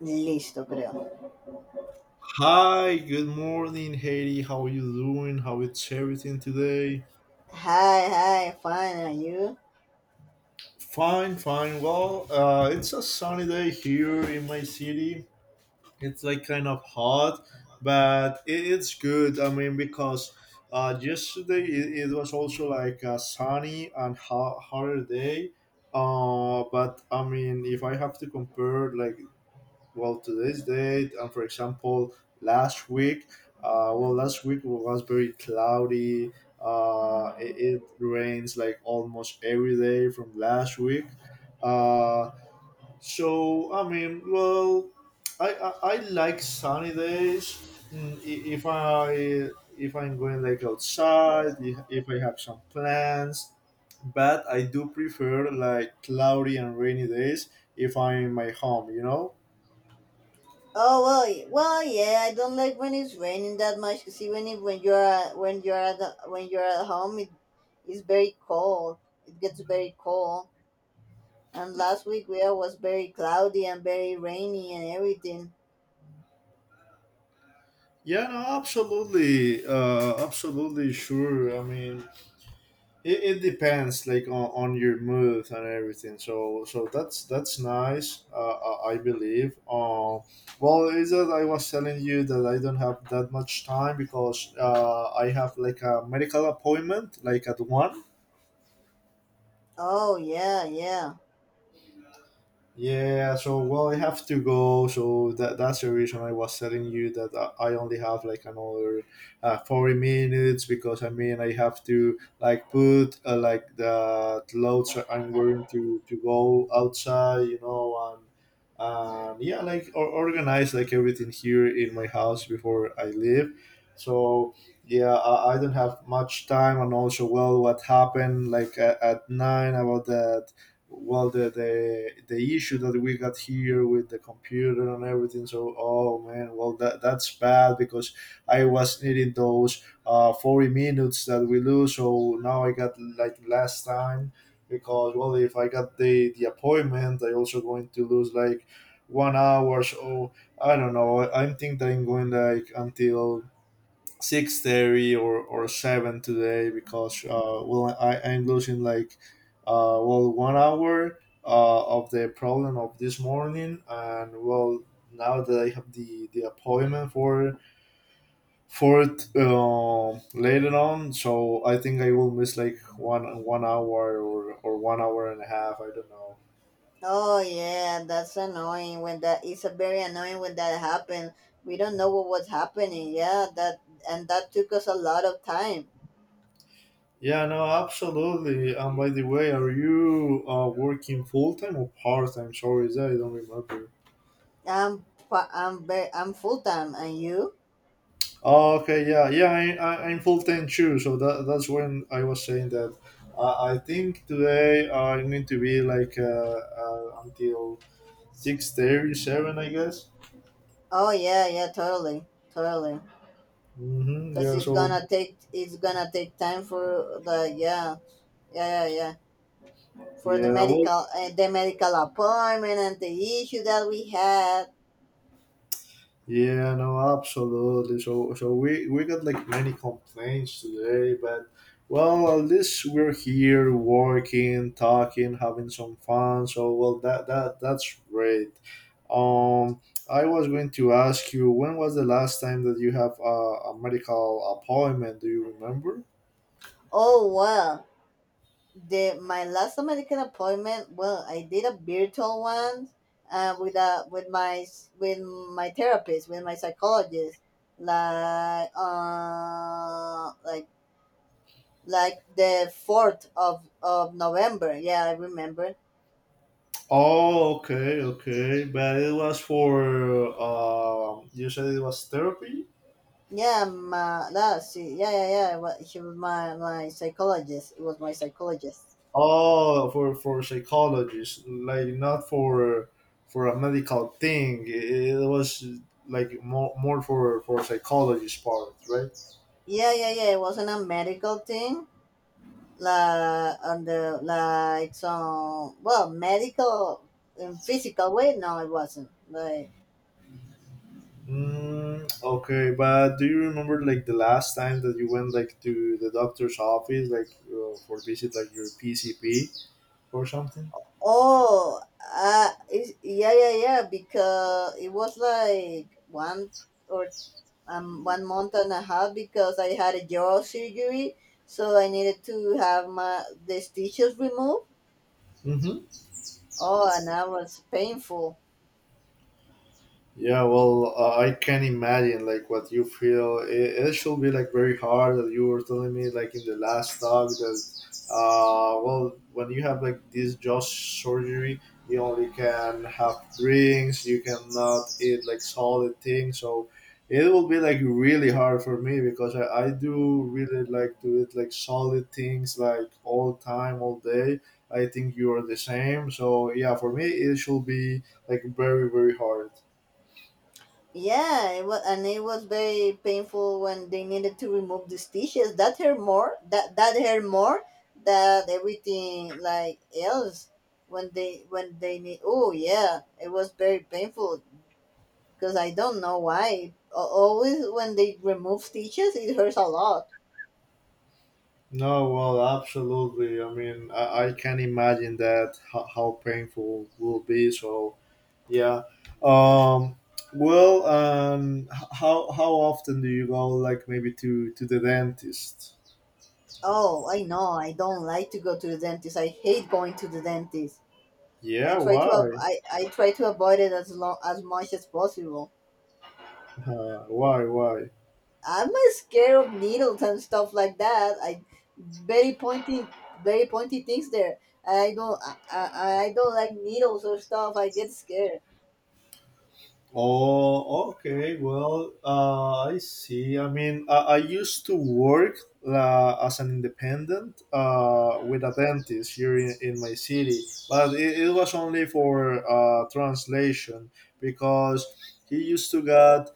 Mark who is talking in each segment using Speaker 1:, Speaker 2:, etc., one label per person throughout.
Speaker 1: Listo, creo.
Speaker 2: Hi, good morning, Haiti. How are you doing? How is everything today?
Speaker 1: Hi, hi, fine, are you?
Speaker 2: Fine, fine. Well, it's a sunny day here in my city. It's like kind of hot, but it's good. I mean, because yesterday it was also like a sunny and hot, hotter day. But I mean, if I have to compare like well today's date and, for example, last week, well last week was very cloudy. It rains like almost every day from last week. uh, I mean, well, I like sunny days. Mm, if i, if I'm going like outside, if I have some plans. But I do prefer like cloudy and rainy days if I'm in my home, you know.
Speaker 1: Oh well, yeah. I don't like when it's raining that much. Cause even if when you're at home, it is very cold. It gets very cold. And last week we weather was very cloudy and very rainy and everything.
Speaker 2: Yeah, no, absolutely, absolutely sure. I mean, it depends, like on your mood and everything. So, so that's nice. I believe. Well, is that I was telling you that I don't have that much time because I have like a medical appointment, like at one.
Speaker 1: Oh yeah, yeah.
Speaker 2: Yeah, so well, I have to go. So that's the reason I was telling you that I only have like another 40 minutes, because I mean I have to like put like the clothes I'm wearing to go outside, you know, and yeah, like organize like everything here in my house before I leave. So yeah, I don't have much time. And also, well, what happened like at nine, about the well the issue that we got here with the computer and everything. So oh man, well that's bad, because I was needing those 40 minutes that we lose. So now I got like last time, because well, if I got the appointment, I also going to lose like 1 hour. So I don't know, I think that I'm going like until 6:30 or 7 today, because well I'm losing like well 1 hour, of the problem of this morning. And well now that I have the appointment for it, later on. So I think I will miss like one hour or 1 hour and a half, I don't know.
Speaker 1: Oh yeah, that's annoying when that. It's a very annoying when that happened. We don't know what was happening. Yeah, that and that took us a lot of time.
Speaker 2: Yeah, no, absolutely. And by the way, are you working full time or part time? Sorry, that I don't remember.
Speaker 1: I'm pa- I'm ba- I'm full time, and you?
Speaker 2: Oh, okay, yeah, yeah, I'm full 10 too, so that's when I was saying that. I think today I'm going to be like until 6:37, I guess.
Speaker 1: Oh yeah, yeah, totally, totally.
Speaker 2: Mm-hmm,
Speaker 1: Cause
Speaker 2: yeah,
Speaker 1: it's
Speaker 2: so,
Speaker 1: gonna take it's gonna take time for the yeah, yeah, yeah, yeah, for the
Speaker 2: yeah, well,
Speaker 1: medical appointment and the issue that we had.
Speaker 2: yeah, no, absolutely. So, so we got like many complaints today, but well, at least we're here working, talking, having some fun. So, well, that's great. Um, I was going to ask you, when was the last time that you have a medical appointment? Do you remember?
Speaker 1: Oh well, the my last medical appointment. Well, I did a virtual one, with my psychologist like uh like like the 4th of November. Yeah, I remember.
Speaker 2: Oh, okay, okay, but it was for you said it was therapy.
Speaker 1: Yeah, that, see, yeah, yeah, yeah. Well, he was my psychologist. It was my psychologist.
Speaker 2: Oh, for psychologists, like not for for a medical thing. It was like more for psychologist part, right?
Speaker 1: Yeah, yeah, yeah. It wasn't a medical thing. Like, on the, like, some, well, medical and physical way. No, it wasn't. Like,
Speaker 2: Mm, okay, but do you remember like the last time that you went like to the doctor's office, like for visit like your PCP or something?
Speaker 1: oh, it's, yeah, yeah, yeah. Because it was like one month and a half because I had a jaw surgery, so I needed to have my the stitches removed.
Speaker 2: Hmm.
Speaker 1: Oh, and that was painful.
Speaker 2: Yeah, well, I can imagine like what you feel. It should be like very hard, that you were telling me like in the last talk that, well, when you have like this jaw surgery, you only can have drinks. You cannot eat like solid things. So it will be like really hard for me, because I do really like to eat like solid things, like all time, all day. I think you are the same. So yeah, for me it should be like very hard.
Speaker 1: Yeah, it was, and it was very painful when they needed to remove the stitches. That hurt more. That hurt more than everything like else. When they need. Oh yeah, it was very painful because I don't know why. Always when they remove stitches, it hurts a lot.
Speaker 2: No, well, absolutely. I mean, I can imagine that how painful will be. So, yeah. Um, well, how often do you go? Like maybe to the dentist?
Speaker 1: Oh, I know. I don't like to go to the dentist. I hate going to the dentist. I
Speaker 2: Yeah.
Speaker 1: try to ab-
Speaker 2: Why?
Speaker 1: I, I try to avoid it as long as much as possible.
Speaker 2: Why? Why?
Speaker 1: I'm not scared of needles and stuff like that. I Very pointy, very pointy things there. I don't like needles or stuff. I get scared.
Speaker 2: Oh, okay. Well, I see. I mean, I used to work as an independent with a dentist here in my city, but it was only for translation, because he used to get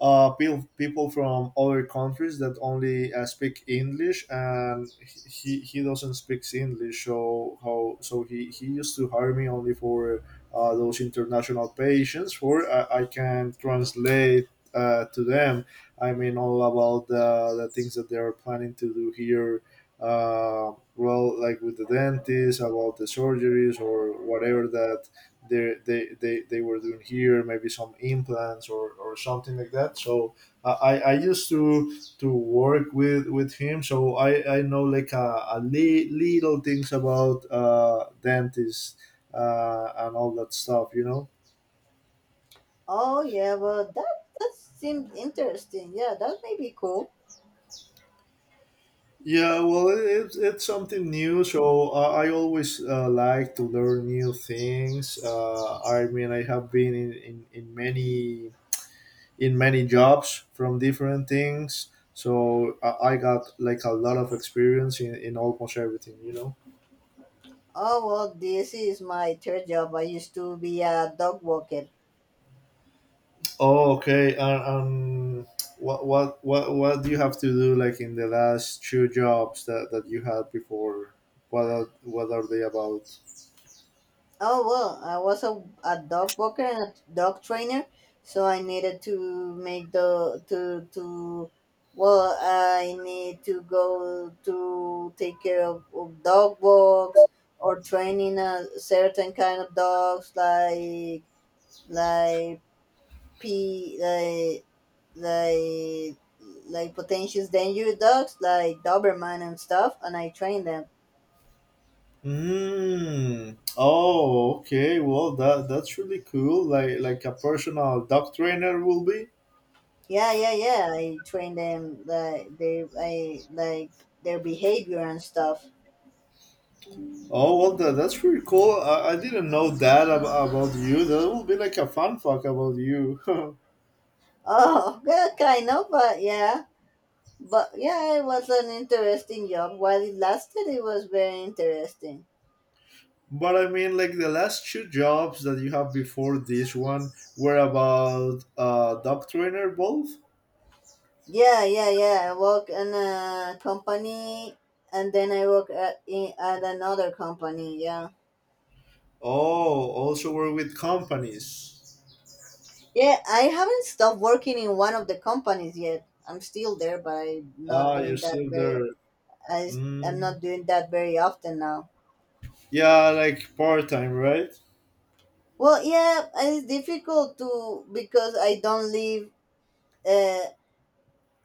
Speaker 2: people from other countries that only speak English. And he doesn't speak English. So how so he used to hire me only for those international patients, for I can translate to them. I mean all about the things that they are planning to do here. Well, like with the dentist, about the surgeries or whatever that they were doing here, maybe some implants, or something like that. So I used to work with him. So I know like little things about dentists and all that stuff, you know.
Speaker 1: Oh yeah, well that seemed interesting. Yeah, that may be cool.
Speaker 2: Yeah, well, it's something new, so I always like to learn new things. I mean, I have been in many jobs from different things. So I got like a lot of experience in almost everything, you know.
Speaker 1: Oh well, this is my third job. I used to be a dog walker.
Speaker 2: Oh, okay. And um, what do you have to do like in the last two jobs that, that you had before? What are they about?
Speaker 1: Oh well, I was a dog walker and a dog trainer, so I needed to make the to well, I need to go to take care of dog walks or training a certain kind of dogs like p like like like potential dangerous dogs like Doberman and stuff, and I train them.
Speaker 2: Mm. Oh, okay. Well, that's really cool. Like a personal dog trainer will be.
Speaker 1: Yeah, yeah, yeah. I train them, like they I like their behavior and stuff.
Speaker 2: Oh well, that's pretty cool. I didn't know that about you. That will be like a fun fact about you.
Speaker 1: Oh, yeah, kind of, but yeah. But yeah, it was an interesting job. While it lasted, it was very interesting.
Speaker 2: But I mean, like the last two jobs that you have before this one were about dog trainer, both.
Speaker 1: Yeah, yeah, yeah. I work in a company, and then I work at another company. Yeah,
Speaker 2: Oh, also were with companies.
Speaker 1: yeah. I haven't stopped working in one of the companies yet. I'm still there, but I'm not
Speaker 2: Ah, you're
Speaker 1: doing that
Speaker 2: still there.
Speaker 1: very. I, I'm
Speaker 2: Mm.
Speaker 1: not doing that very often now.
Speaker 2: Yeah, like part time, right?
Speaker 1: Well, yeah, it's difficult to because I don't live. Uh,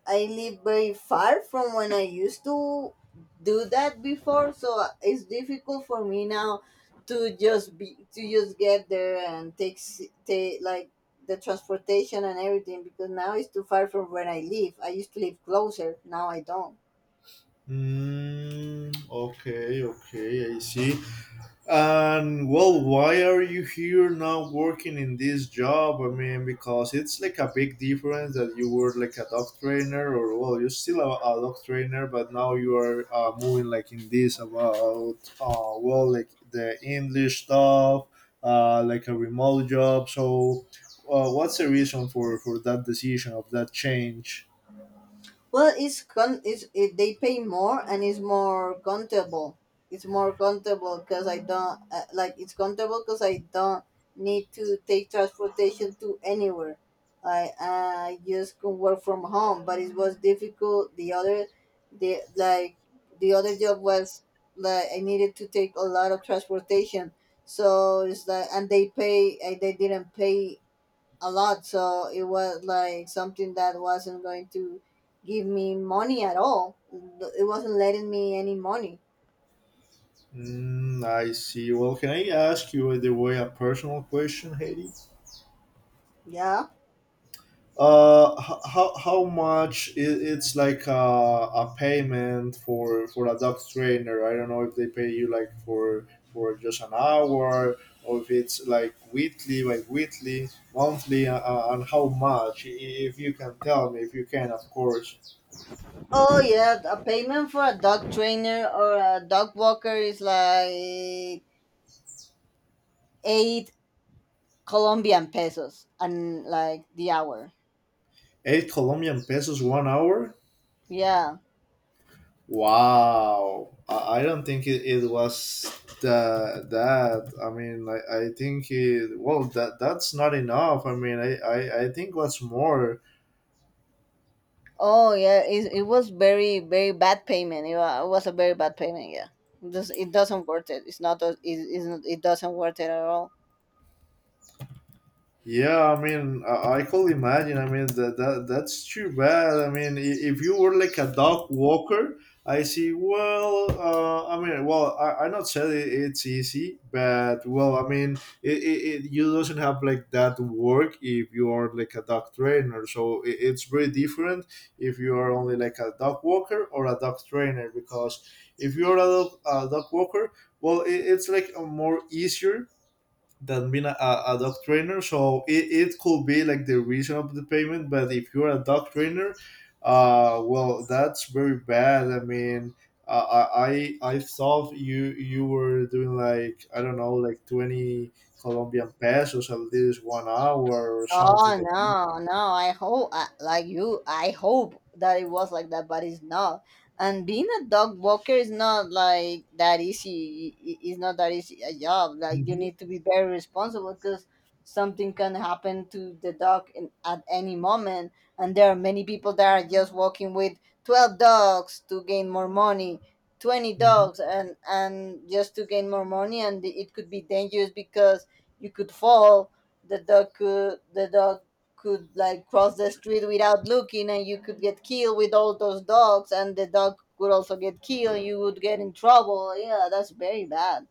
Speaker 1: I live very far from when I used to do that before, so it's difficult for me now to just get there and take like the transportation and everything because now it's too far from where I live. I used to live closer. Now I don't.
Speaker 2: Mm, okay, okay, I see. And well, why are you here now working in this job? I mean, because it's like a big difference that you were like a dog trainer, or well, you're still a dog trainer, but now you are moving like in this about well, like the English stuff, like a remote job. So, what's the reason for that decision of that change?
Speaker 1: Well, it's con. They pay more and it's more comfortable. It's more comfortable because I don't like. It's comfortable because I don't need to take transportation to anywhere. I just can work from home, but it was difficult. The like, the other job was like I needed to take a lot of transportation. So it's like, and they pay. They didn't pay a lot, so it was like something that wasn't going to give me money at all. It wasn't letting me any money,
Speaker 2: Mm, I see. Well, can I ask you, by the way, a personal question, Haiti?
Speaker 1: yeah.
Speaker 2: How much it's like a payment for a dog trainer? I don't know if they pay you like for just an hour, or if it's like weekly, monthly, and how much, if you can tell me, if you can of course.
Speaker 1: Oh yeah, a payment for a dog trainer or a dog walker is like 8 colombian pesos and like the hour,
Speaker 2: 8 Colombian pesos 1 hour?
Speaker 1: yeah.
Speaker 2: Wow, I don't think it was the, that. I mean, I think it, well, that that's not enough. I mean, I think what's more.
Speaker 1: Oh yeah, it was very very bad payment. It was a very bad payment, yeah. It doesn't worth it. It's not a- it, it's, not- it doesn't worth it at all.
Speaker 2: Yeah, I mean, I could imagine. I mean, that, that that's too bad. I mean, if you were like a dog walker, I see. Well, I mean, well, I not said it's easy, but well, I mean, it, it, it you doesn't have like that work if you are like a dog trainer. So it's very different if you are only like a dog walker or a dog trainer, because if you're a dog walker, well, it's like a more easier than being a dog trainer. So it could be like the reason of the payment. But if you're a dog trainer, well, that's very bad. I mean, I thought you were doing like, I don't know, like 20 Colombian pesos at least 1 hour, or something.
Speaker 1: Oh
Speaker 2: Like,
Speaker 1: no, no. I hope, like you, I hope that it was like that, but it's not. And being a dog walker is not like that easy. It's not that easy a job. Like you need to be very responsible because something can happen to the dog at any moment. And there are many people that are just walking with 12 dogs to gain more money, 20
Speaker 2: hmm.
Speaker 1: dogs, and just to gain more money. And it could be dangerous because you could fall. The dog could like cross the street without looking, and you could get killed with all those dogs, and the dog could also get killed. You would get in trouble, yeah, that's very bad.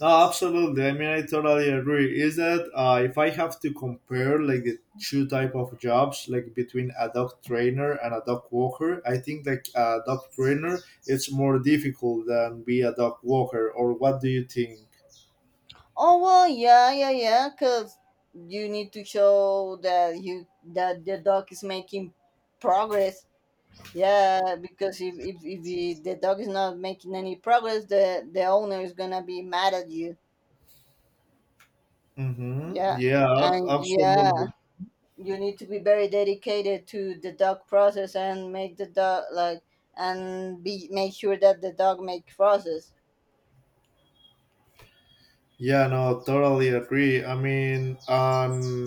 Speaker 2: No, absolutely. I mean, I totally agree. Is that if I have to compare like the two type of jobs, like between a dog trainer and a dog walker, I think like a dog trainer it's more difficult than be a dog walker. Or what do you think?
Speaker 1: Oh well, yeah, yeah, yeah, because you need to show that the dog is making progress. Yeah, because if the dog is not making any progress, the owner is gonna be mad at you.
Speaker 2: Mm-hmm.
Speaker 1: Yeah,
Speaker 2: Yeah,
Speaker 1: and yeah,
Speaker 2: absolutely.
Speaker 1: you need to be very dedicated to the dog process and make the dog like and be make sure that the dog make process.
Speaker 2: Yeah, no, totally agree. I mean,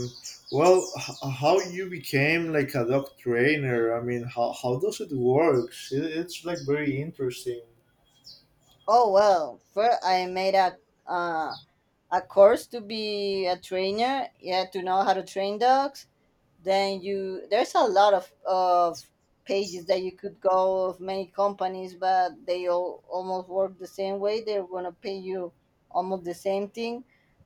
Speaker 2: well, how you became like a dog trainer? I mean, how does it work? It's like very interesting.
Speaker 1: Oh well, first I made uh, a course to be a trainer, yeah, to know how to train dogs. Then you there's a lot of pages that you could go of many companies, but they all almost work the same way. They're going to pay you almost the same thing,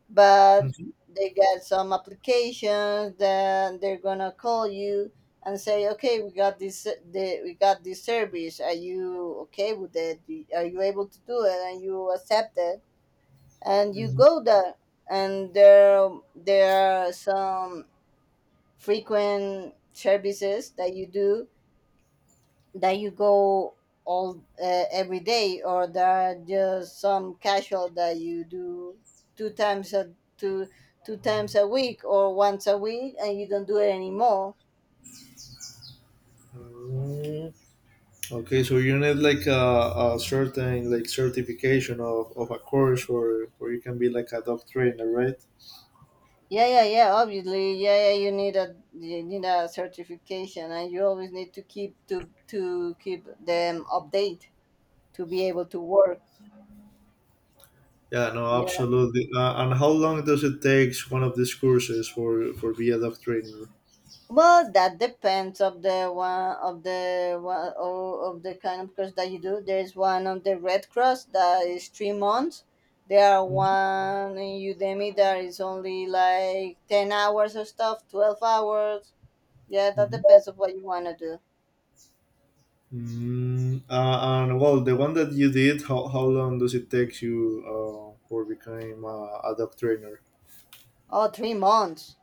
Speaker 1: but
Speaker 2: Mhm.
Speaker 1: they got some applications that they're going to call you and say, okay, we got this service. Are you okay with it? Are you able to do it? And you accept it, and you go there, and there are some frequent services that you do, that you go all, every day, or there are just some casual that you do two times a two two times a week or once a week, and you don't do it anymore.
Speaker 2: Mm, okay, so you need like a certain like certification of a course, or you can be like a dog trainer, right?
Speaker 1: Yeah, yeah, yeah, obviously, yeah, yeah, you need a, certification, and you always need to keep them update to be able to work.
Speaker 2: Yeah, no,
Speaker 1: Yeah.
Speaker 2: absolutely. And how long does it take one of these courses for be a dog trainer?
Speaker 1: Well, that depends of the kind of course that you do. There's one on the Red Cross that is 3 months. There are one in Udemy that is only like 10 hours or stuff, 12 hours. Yeah, that
Speaker 2: Mm-hmm.
Speaker 1: depends on what you wanna do.
Speaker 2: Mm, and well, the one that you did, how long does it take you for becoming a dog trainer?
Speaker 1: Oh, 3 months.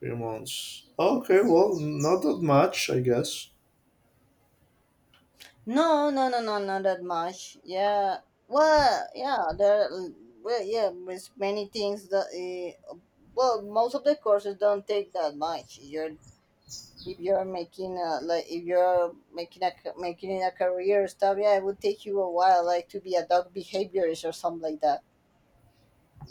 Speaker 2: 3 months. Okay, well, not that much, I guess.
Speaker 1: No, no, no, no, not that much. Yeah. Well, yeah, there. Well, yeah, there's many things that. Well, most of the courses don't take that much. You're If you're making a, like if you're making a ca- making in a career stuff, yeah, it would take you a while, like to be a dog behaviorist or something like that.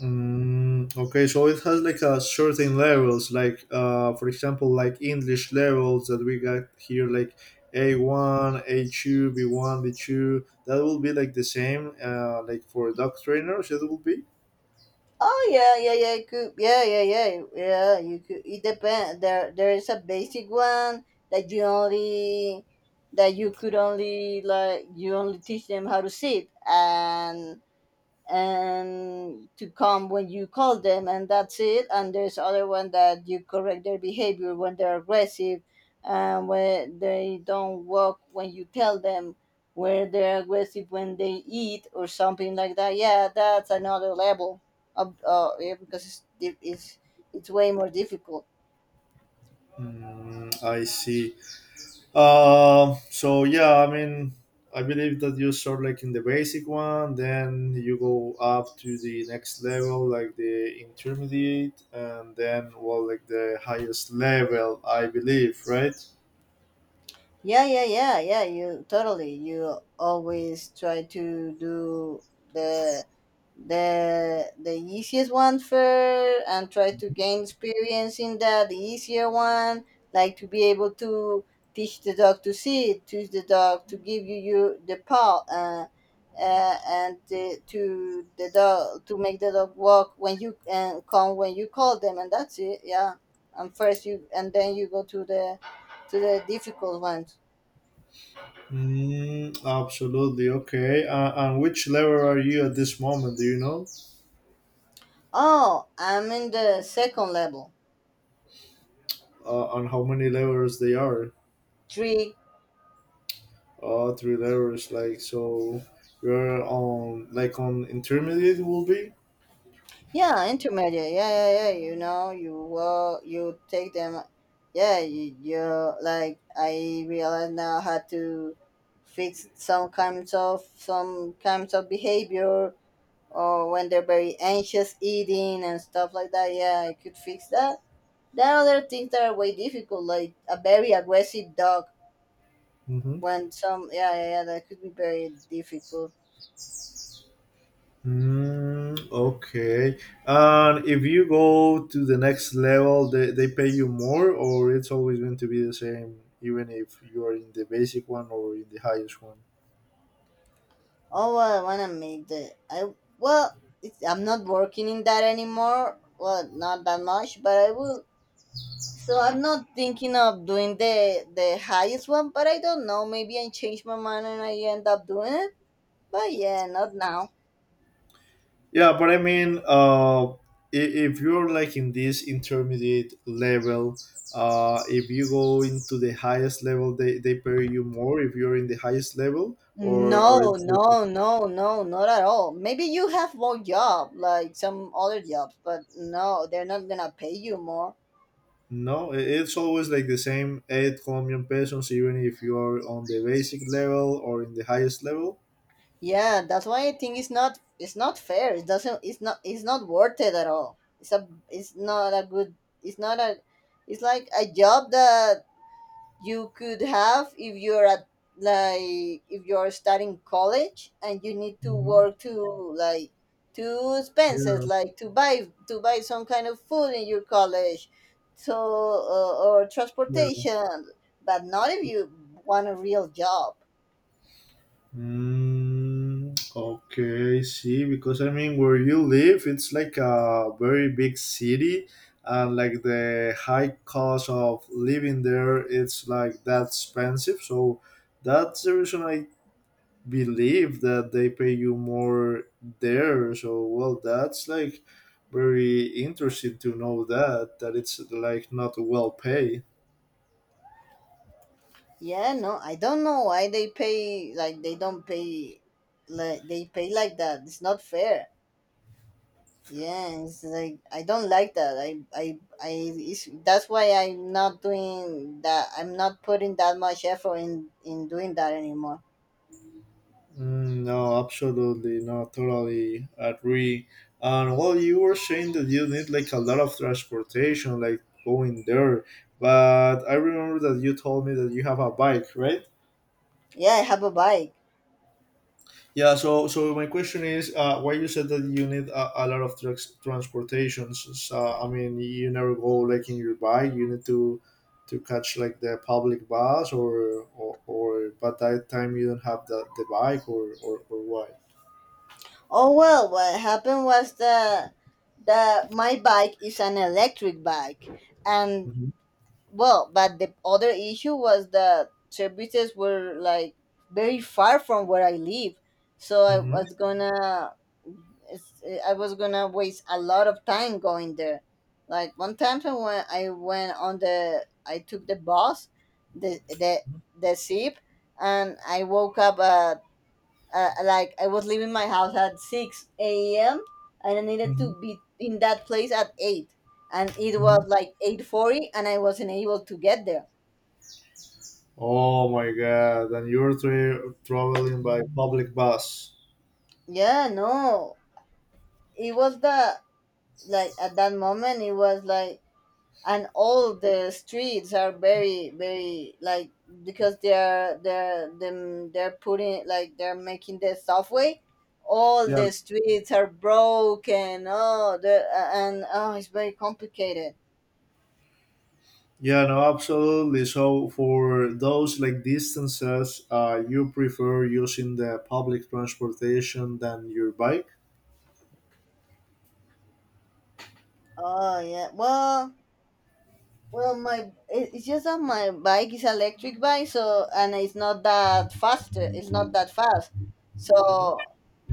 Speaker 2: Mm, okay, so it has like a certain levels, like for example, like English levels that we got here, like A1, A2, B1, B2. That will be like the same, like for dog trainers, it will be.
Speaker 1: Oh yeah, yeah, yeah, it could, yeah, yeah, yeah, yeah, you could. It depends. There is a basic one that you only that you could only like you only teach them how to sit and to come when you call them, and that's it. And there's other one that you correct their behavior when they're aggressive, and when they don't walk when you tell them, where they're aggressive when they eat or something like that. Yeah, that's another level of, yeah, because it's, di- it's way more difficult.
Speaker 2: Mm, I see. So yeah, I mean, I believe that you start like in the basic one, then you go up to the next level, like the intermediate, and then well, like the highest level, I believe, right?
Speaker 1: Yeah, yeah, yeah, yeah. You totally. You always try to do the the easiest one first and try to gain experience in that the easier one, like to be able to teach the dog to sit, teach the dog to give you your the paw, and the dog to make the dog walk when you and come when you call them, and that's it. Yeah, and first you and then you go to the difficult ones.
Speaker 2: Mm, absolutely. Okay. And which level are you at this moment? Do you know?
Speaker 1: Oh, I'm in the second level.
Speaker 2: And how many levels they are?
Speaker 1: Three.
Speaker 2: Three levels. Like so, you're on like on intermediate will be.
Speaker 1: Yeah, intermediate. Yeah, yeah, yeah. You know, you take them. Yeah, you like. I realize now how to fix some kinds of behavior, or when they're very anxious eating and stuff like that. Yeah, I could fix that. There are other things that are way difficult, like a very aggressive dog.
Speaker 2: Mm-hmm.
Speaker 1: Yeah, yeah, yeah, that could be very difficult.
Speaker 2: Mm, okay. And if you go to the next level, they pay you more, or it's always going to be the same, even if you are in the basic one or in the highest one.
Speaker 1: Oh, well, I wanna make the I well, it's, I'm not working in that anymore. Well, not that much, but I will. So I'm not thinking of doing the highest one, but I don't know. Maybe I change my mind and I end up doing it. But yeah, not now.
Speaker 2: Yeah, but I mean, if you're like in this intermediate level, if you go into the highest level, they pay you more if you're in the highest level, or
Speaker 1: No,
Speaker 2: it's like.
Speaker 1: no, no, no, not at all. Maybe you have more job, like some other jobs, but no, they're not gonna pay you more.
Speaker 2: No, it's always like the same 8 Colombian pesos, even if you are on the basic level or in the highest level.
Speaker 1: Yeah, that's why I think it's not fair. It's not worth it at all. It's not a good it's not a it's like a job that you could have if you're at like if you're starting college and you need to
Speaker 2: Mhm.
Speaker 1: work to like to expenses
Speaker 2: Yeah,
Speaker 1: like to buy some kind of food in your college, so or
Speaker 2: yeah.
Speaker 1: transportation, but not if you want a real job.
Speaker 2: Mm, okay, see, because I mean, where you live, it's like a very big city, and like the high cost of living there, it's like that expensive. So that's the reason I believe that they pay you more there. So well, that's like very interesting to know that that it's like not well paid.
Speaker 1: Yeah, no, I don't know why they don't pay like they pay like that. It's not fair. Yeah, it's like I don't like that. I it's, that's why I'm not doing that. I'm not putting that much effort in doing that anymore.
Speaker 2: Mm, no, absolutely not. Totally agree. And well, you were saying that you need like a lot of transportation, like going there. But I remember that you told me that you have a bike, right?
Speaker 1: Yeah, I have a bike.
Speaker 2: Yeah, so my question is, why you said that you need a lot of trucks transportations? So, I mean, you never go like in your bike. You need to catch like the public bus, or but that time you don't have the bike, or why?
Speaker 1: Oh well, what happened was the my bike is an electric bike, and
Speaker 2: Hmm.
Speaker 1: well, but the other issue was that services were like very far from where I live, so I
Speaker 2: Hmm.
Speaker 1: was gonna, it's, I was gonna waste a lot of time going there. Like one time I went on the, I took the bus, the the zip, and I woke up at like I was leaving my house at 6 a.m. and I needed
Speaker 2: Hmm.
Speaker 1: to be in that place at 8, and it was
Speaker 2: Hmm.
Speaker 1: like 8:40 and I wasn't able to get there.
Speaker 2: Oh my God! And you're traveling by public bus.
Speaker 1: Yeah, no. It was the, like at that moment it was like, and all the streets are very like, because they're putting like they're making the subway. All
Speaker 2: Yeah,
Speaker 1: the streets are broken, oh the and oh it's very complicated.
Speaker 2: Yeah, no, absolutely. So for those like distances, you prefer using the public transportation than your bike.
Speaker 1: Oh yeah. Well, well, my it- it's just that my bike is electric bike, so and it's not that fast. It's not that fast. So,
Speaker 2: Hmm.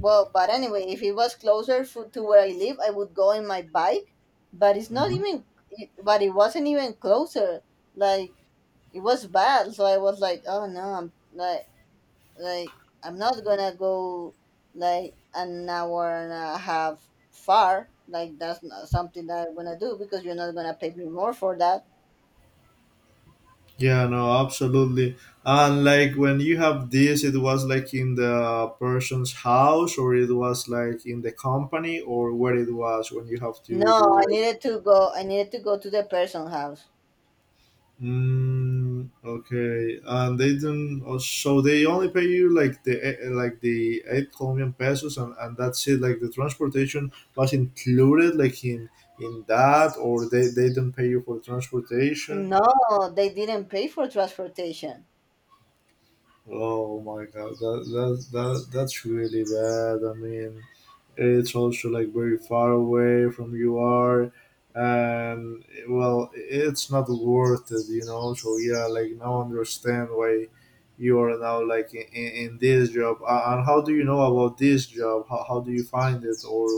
Speaker 1: well, but anyway, if it was closer for, to where I live, I would go in my bike. But it's not
Speaker 2: Mhm.
Speaker 1: even. It- But it wasn't even closer. Like it was bad. So I was like, oh no, I'm like I'm not gonna go like an hour and a half far. Like that's not something that I'm gonna do because you're not gonna pay me more for that.
Speaker 2: Yeah, no, absolutely. And like when you have this, it was like in the person's house, or it was like in the company, or where it was when you have to
Speaker 1: No, I
Speaker 2: do.
Speaker 1: needed to go. I needed to go to the person house.
Speaker 2: Mm, okay, and they don't. Oh, so they only pay you like the like the 8 Colombian pesos, and that's it. Like the transportation was included, like in that, or they don't pay you for transportation.
Speaker 1: No, they didn't pay for transportation.
Speaker 2: Oh my god, that's really bad. I mean, it's also like very far away from you are, and well, it's not worth it. So yeah, like now I understand why you are now like in this job. And how do you know about this job? How do you find it, or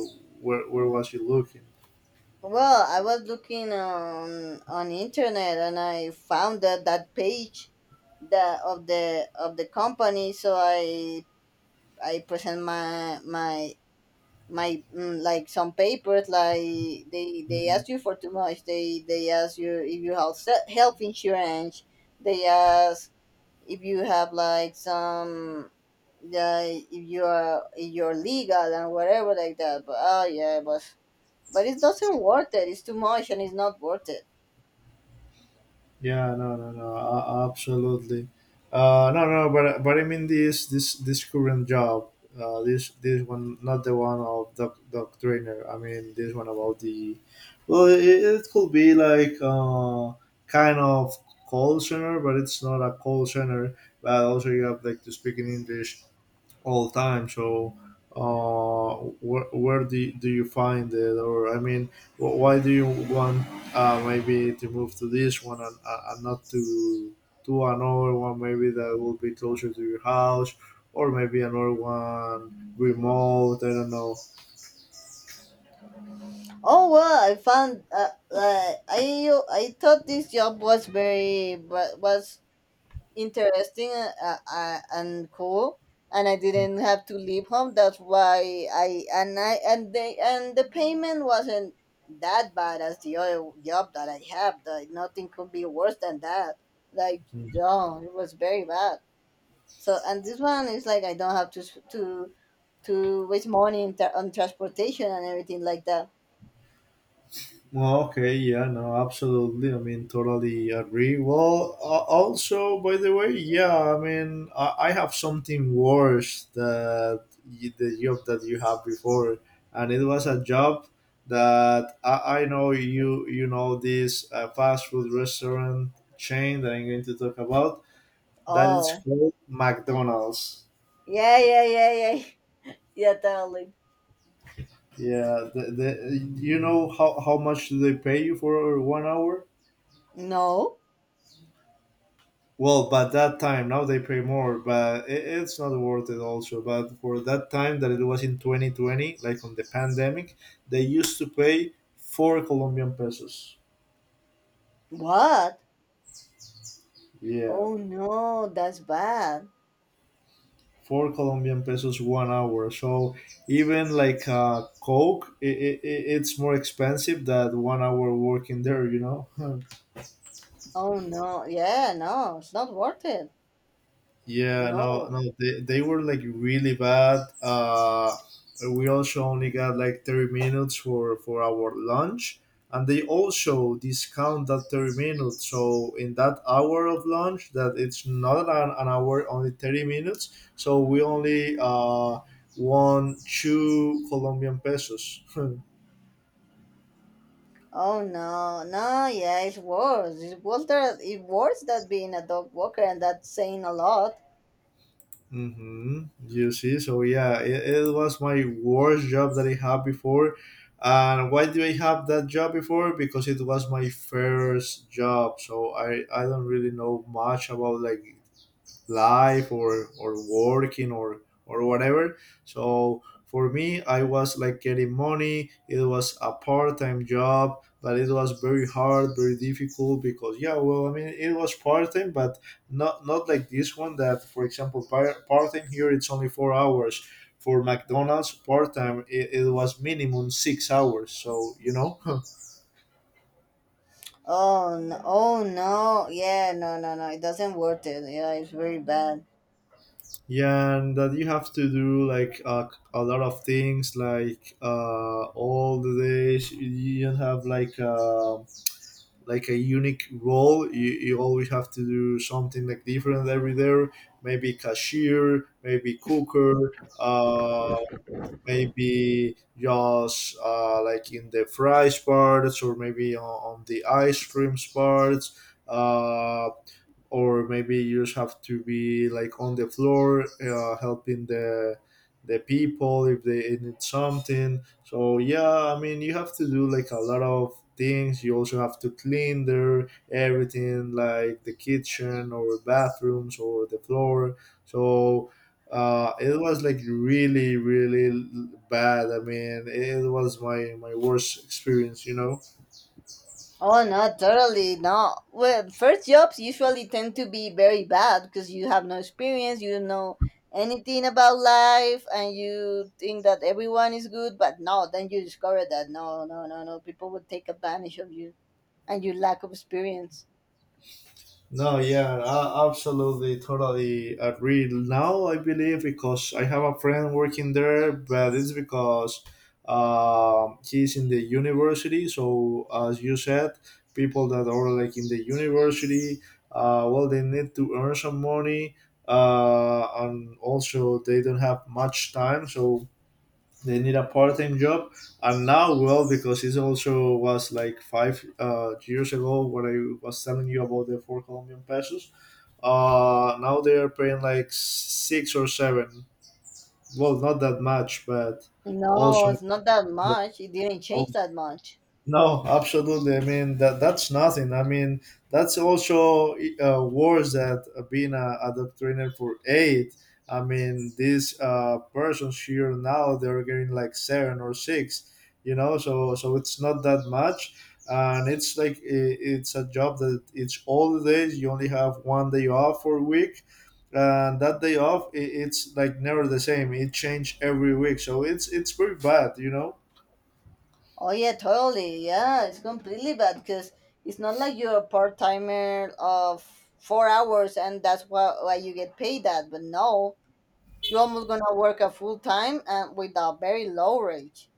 Speaker 2: where was you looking?
Speaker 1: Well, I was looking on internet and I found that that page, the of the of the company. So I present my mm, like some papers, like they ask you for too much. They ask you if you have se- health insurance. They ask if you have like some, yeah, if you're legal and whatever like that, but oh yeah, but it doesn't worth it. It's too much and it's not worth it.
Speaker 2: Yeah, no, no, no, absolutely. No, no, but I mean this current job, this one, not the one of doc trainer. I mean this one about the, well, it could be like kind of call center, but it's not a call center. But also you have like to speak in English all the time. So, where do you find it? Or, I mean, why do you want maybe to move to this one and not to another one, maybe that will be closer to your house, or maybe another one remote? I don't
Speaker 1: Oh well, I found I thought this job was very wa- was interesting, and cool, and I didn't have to leave home. That's why, I and they and the payment wasn't that bad as the other job that I have. Like nothing could be worse than that. Like
Speaker 2: know.
Speaker 1: no, it was very bad. So, and this one is like I don't have to s- to waste money in tra- on transportation and everything like that.
Speaker 2: Well, okay, yeah, no, absolutely. I mean, totally agree. Well, also, by the way, yeah, I mean, I have something worse that you, the job that you had before, and it was a job that I know you know this fast food restaurant chain that I'm going to talk about that is
Speaker 1: Oh
Speaker 2: called McDonald's.
Speaker 1: yeah, yeah, yeah, yeah. Yeah, totally.
Speaker 2: Yeah, you know how much do they pay you for 1 hour?
Speaker 1: No,
Speaker 2: Well, but that time now they pay more, but it's not worth it. Also, but for that time that it was in 2020, like on the pandemic, they used to pay 4 Colombian pesos.
Speaker 1: what?
Speaker 2: Yeah,
Speaker 1: Oh no, that's bad.
Speaker 2: 4 Colombian pesos 1 hour. So even like Coke, it's more expensive than 1 hour working there. You know.
Speaker 1: Oh no, yeah, no, it's not worth it.
Speaker 2: Yeah, no,
Speaker 1: No.
Speaker 2: no, they were like really bad. We also only got like 30 minutes for our lunch, and they also discount that 30 minutes. So, in that hour of lunch, that it's not an hour, only 30 minutes. So, we only won 2 Colombian pesos.
Speaker 1: Oh no, no, yeah, it's worse. It was that it worse that being a dog walker, and that's saying a lot.
Speaker 2: Mm-hmm. You see, so yeah, it was my worst job that I had before. And why do I have that job before? Because it was my first job, so I don't really know much about like life or working or whatever. So for me, I was like getting money. It was a part-time job, but it was very hard, very difficult. Because yeah, well, I mean, it was part-time, but not like this one. That for example, part-time here it's only 4 hours. For McDonald's part-time, it was minimum six hours.
Speaker 1: Oh no, oh no, yeah, no, no, no, it doesn't worth it. Yeah, it's very bad.
Speaker 2: Yeah, and that you have to do like a lot of things, like all the days. You don't have like a unique role. You always have to do something like different every day. Maybe cashier, maybe cooker, maybe just like in the fries parts, or maybe on the ice creams parts. Uh, or maybe you just have to be like on the floor helping the people if they need something. So yeah, I mean, you have to do like a lot of things. You also have to clean their everything, like the kitchen or bathrooms or the floor. So it was like really really bad. I mean, it was my worst experience.
Speaker 1: Oh not totally no. Well, first jobs usually tend to be very bad because you have no experience, you don't know anything about life, and you think that everyone is good. But no, then you discover that no, no, no, no, people will take advantage of you and your lack of experience.
Speaker 2: No, yeah, I absolutely, totally agree. Now I believe because I have a friend working there, but it's because he's in the university. So as you said, people that are like in the university, well, they need to earn some money, and also they don't have much time. So they need a part-time job. And now, well, because it also was like five years ago when I was telling you about the 4 Colombian pesos, now they are paying like six or seven. Well, not that much, but
Speaker 1: No,
Speaker 2: also.
Speaker 1: it's not that much. It didn't change that much.
Speaker 2: No, absolutely. I mean, that's nothing. I mean, that's also worse that being a doctrinaire for eight. I mean, these persons here now they're getting like seven or six. You know, so it's not that much, and it's like I it's a job that it's all the days. You only have one day off for a week, and that day off I it's like never the same. It changes every week, so it's very bad. You know.
Speaker 1: Oh yeah, totally. Yeah, it's completely bad because it's not like you're a part timer of 4 hours and that's what why you get paid that. But no, you're almost gonna work a full time and with a very low wage.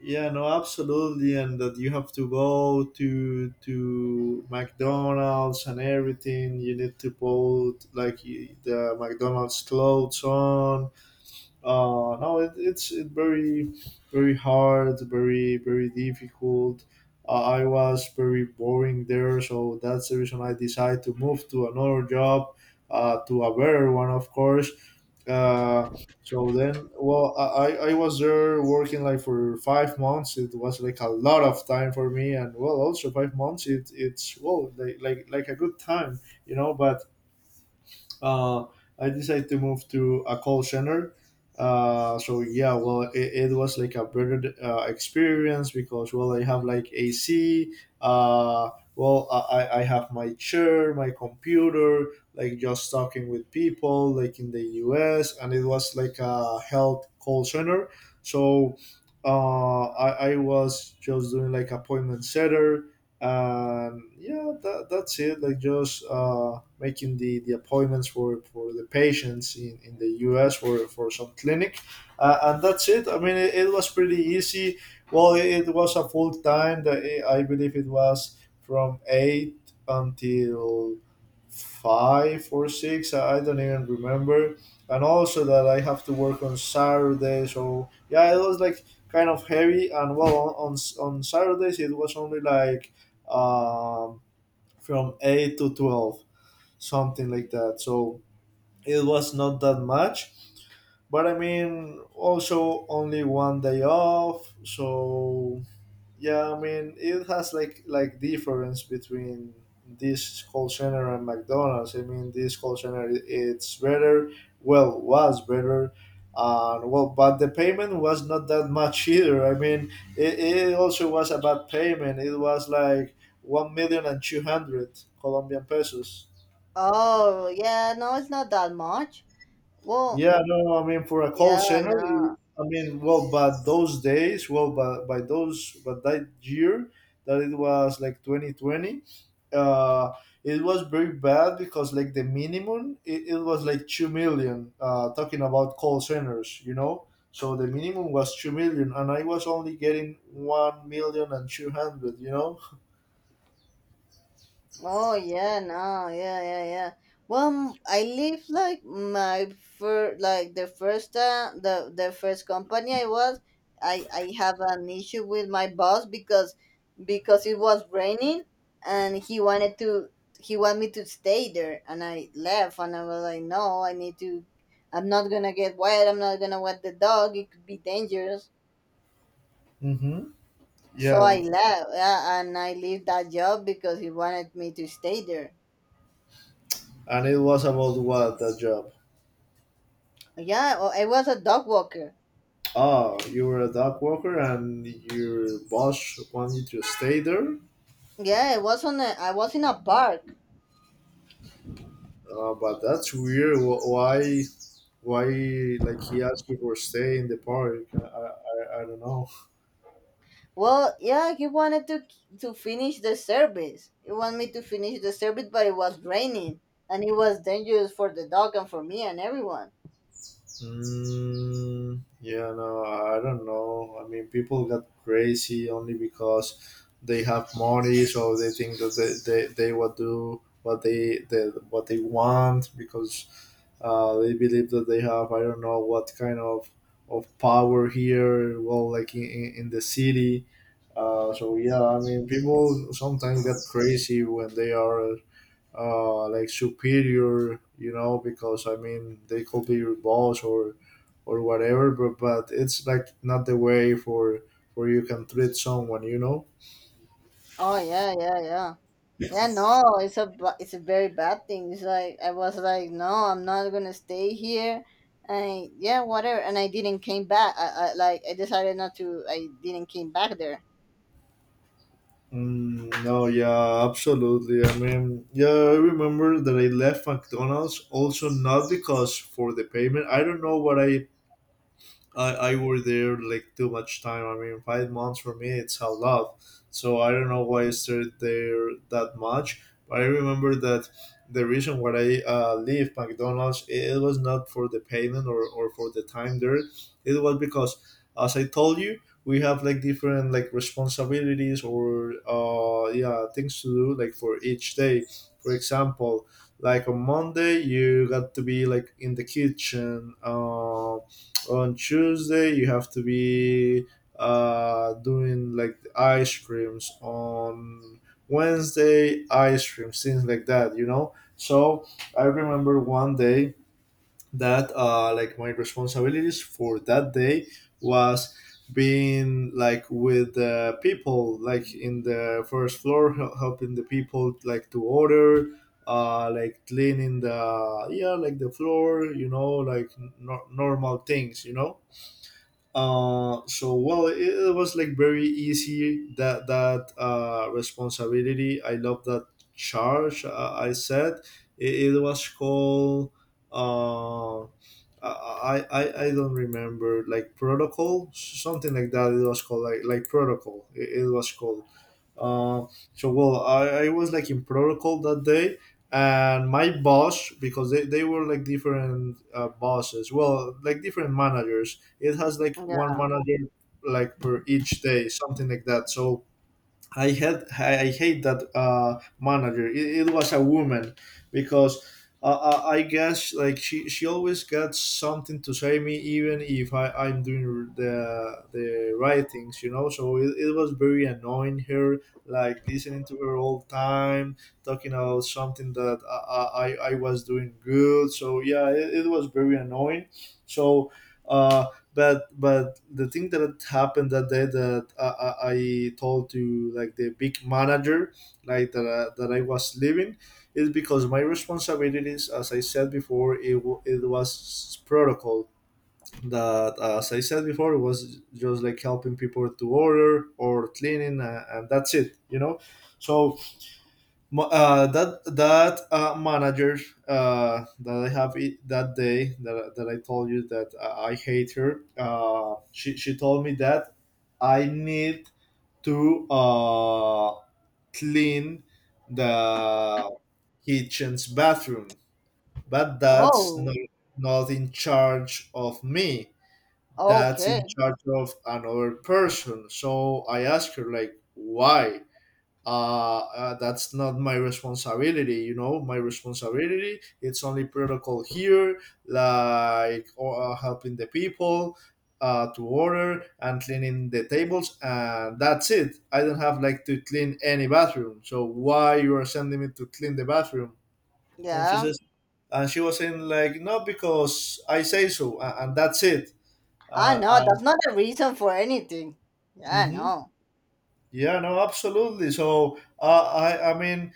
Speaker 2: Yeah, no, absolutely, and that you have to go to McDonald's and everything. You need to put like the McDonald's clothes on. No, it, it's it very very hard, very very difficult. I was very boring there, so that's the reason I decided to move to another job, to a better one, of course. Uh, so then, well, I was there working like for 5 months. It was like a lot of time for me, and well, also 5 months. It's well like a good time. But uh, I decided to move to a call center. So yeah, well, it was like a better experience because well, I have like AC. Well, I have my chair, my computer, like just talking with people, like in the US, and it was like a health call center. So I was just doing like appointment setter, and yeah, that's it. Like just. Making the appointments for the patients in the US for some clinic. And that's it. I mean, it was pretty easy. Well, it was a full time. That I believe it was from 8 until 5 or 6. I don't even remember. And also that I have to work on Saturday. So, yeah, it was like kind of heavy. And well, on Saturdays, it was only like um, from 8 to 12 something like that. So it was not that much. But I mean, also only one day off. So yeah, I mean, it has like difference between this call center and McDonald's. I mean, this call center it's better. Well, was better. And well, but the payment was not that much either. I mean, it also was a bad payment. It was like one million and two hundred Colombian pesos.
Speaker 1: Oh yeah, no, it's not that much. Well,
Speaker 2: Yeah, no, no, I mean, for a call
Speaker 1: yeah,
Speaker 2: center,
Speaker 1: no.
Speaker 2: I mean, well, but those days, well, but by those, but that year that it was like 2020, uh, it was very bad because like the minimum, it was like 2 million, talking about call centers, you know? So the minimum was 2 million and I was only getting one million and two hundred. You know?
Speaker 1: Oh yeah, no, yeah, yeah, yeah. Well, m- I leave like my fir- like the first the first company I was, I have an issue with my boss because it was raining and he wanted me to stay there, and I left, and I was like, no, I need to, I'm not gonna get wet, I'm not gonna wet the dog, it could be dangerous.
Speaker 2: Mm-hmm.
Speaker 1: So I
Speaker 2: Yeah.
Speaker 1: left, yeah, and I leave that job because he wanted me to stay there.
Speaker 2: And it was about what, that job?
Speaker 1: Yeah, oh, I was a dog walker.
Speaker 2: Ah, you were a dock worker and your boss wanted you to stay there?
Speaker 1: Yeah, I was on a, I was in a park.
Speaker 2: But that's weird. Why, like, he asked you for stay in the park? I don't know.
Speaker 1: Well, yeah, he wanted to finish the service. He wanted me to finish the service, but it was raining and it was dangerous for the dog and for me and everyone.
Speaker 2: Mm, yeah, no, I don't know. I mean, people got crazy only because they have money, so they think that they will do what they what they want because they believe that they have I don't know what kind of power here. Well, like in the city. So yeah, I mean, people sometimes get crazy when they are like superior, you know, because I mean they could be your boss or whatever, but it's like not the way for you can treat someone, you know.
Speaker 1: Oh yeah, yeah, yeah, yeah. No, it's a ba- it's a very bad thing. It's like I was like, no, I'm not gonna stay here. And yeah, whatever. And I didn't came back. I like I decided not to. I didn't came back there.
Speaker 2: Mm, no, yeah, absolutely. I mean, yeah, I remember that I left McDonald's also not because for the payment. I don't know what I were there like too much time. I mean, 5 months for me, it's a lot. So I don't know why I stayed there that much. But I remember that the reason why I leave McDonald's, it was not for the payment or for the time there. It was because, as I told you, we have like different like responsibilities or yeah, things to do like for each day. For example, like on Monday, you got to be like in the kitchen. On Tuesday you have to be doing like the ice creams on Wednesday, ice creams, things like that, you know. So I remember one day that like my responsibilities for that day was being like with the people like in the first floor helping the people like to order like cleaning the, yeah, like the floor, you know, like n- nor normal things, you know. So well, it was like very easy that responsibility. I love that charge. I said it was called. Uh, I don't remember, like, protocol, something like that. It was called like protocol. It was called. Uh, so well, I was like in protocol that day, and my boss, because they were like different bosses. Well, like different managers, it has like one
Speaker 1: Yeah.
Speaker 2: manager like per each day, something like that. So I hate that manager. It was a woman because I guess like she always got something to say me even if I'm doing the right things, you know, so it was very annoying her, like listening to her all the time talking about something that I was doing good. So yeah, it was very annoying. So uh but the thing that happened that day, that I told to like the big manager, like, that, that I was leaving, is because my responsibilities, as I said before, it was protocol. That, as I said before, it was just like helping people to order or cleaning, and that's it, you know. So that manager, that I have it, that day that I told you that I hate her. She told me that I need to clean the kitchen's bathroom, but that's
Speaker 1: Oh.
Speaker 2: not in charge of me. That's in
Speaker 1: Okay.
Speaker 2: charge of another person. So I asked her like, why? uh, that's not my responsibility, you know. My responsibility, it's only protocol here, like, helping the people to order and cleaning the tables and that's it. I don't have like to clean any bathroom, so why you are sending me to clean the bathroom? and she
Speaker 1: Yeah.
Speaker 2: says and she was saying like, no, because I say so, and that's it.
Speaker 1: Ah, no,
Speaker 2: uh,
Speaker 1: that's not a reason for anything. Yeah,
Speaker 2: and, hmm,
Speaker 1: no.
Speaker 2: yeah, no, absolutely. So I mean,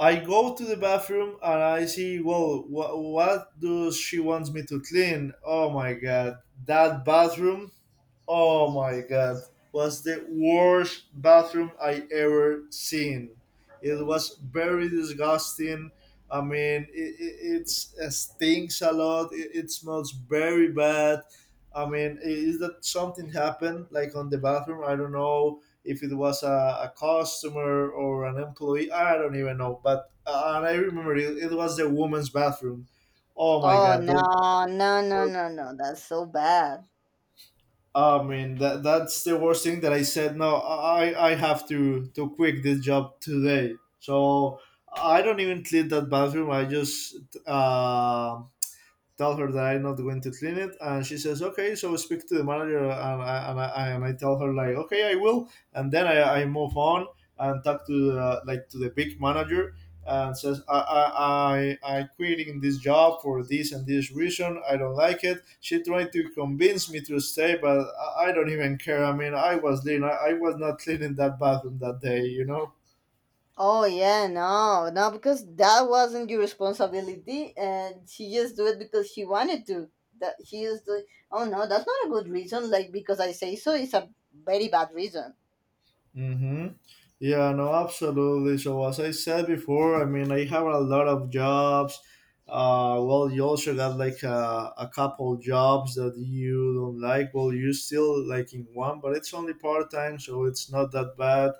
Speaker 2: I go to the bathroom and I see, whoa, what does she wants me to clean? Oh my god, that bathroom. Oh my god, was the worst bathroom I ever seen. It was very disgusting. I mean, it stinks a lot. It smells very bad. I mean, is that something happened like on the bathroom? I don't know if it was a customer or an employee. I don't even know. But and I remember it was the woman's bathroom. Oh my
Speaker 1: Oh,
Speaker 2: god, that
Speaker 1: no, no, no, no, no. That's so bad.
Speaker 2: I mean that's the worst thing that I said. No, I have to quit this job today. So I don't even clean that bathroom. I just um tell her that I'm not going to clean it, and she says, "Okay." So I speak to the manager, and I tell her like, "Okay, I will," and then I move on and talk to like, to the big manager, and says, "I quitting this job for this and this reason. I don't like it." She tried to convince me to stay, but I don't even care. I mean, I was clean. I was not cleaning that bathroom that day, you know.
Speaker 1: Oh, yeah, no, no, because that wasn't your responsibility, and she just do it because she wanted to. That she just do. Oh no, that's not a good reason. Like because I say so, it's a very bad reason.
Speaker 2: Mm-hmm. Yeah, no, absolutely. So as I said before, I mean, I have a lot of jobs. Well, you also got like a couple jobs that you don't like. Well, you still liking one, but it's only part time, so it's not that bad.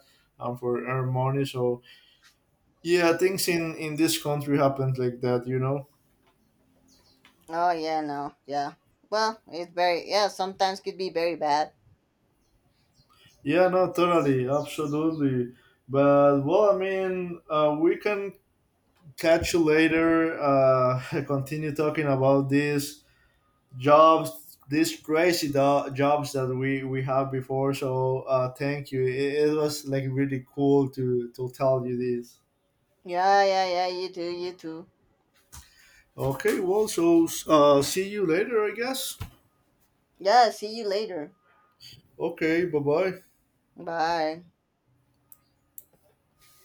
Speaker 2: For earn money, so yeah, things in this country happen like that, you know.
Speaker 1: Oh yeah, no, yeah. Well, it's very yeah. Sometimes could be very bad.
Speaker 2: Yeah, no, totally, absolutely. But well, I mean, we can catch you later. Continue talking about this jobs, these crazy jobs that we have before, so thank you. It was like really cool to tell you this.
Speaker 1: Yeah, yeah, yeah. You too, you too.
Speaker 2: Okay, well, so see you later, I guess.
Speaker 1: Yeah. See you later.
Speaker 2: Okay, bye bye.
Speaker 1: Bye.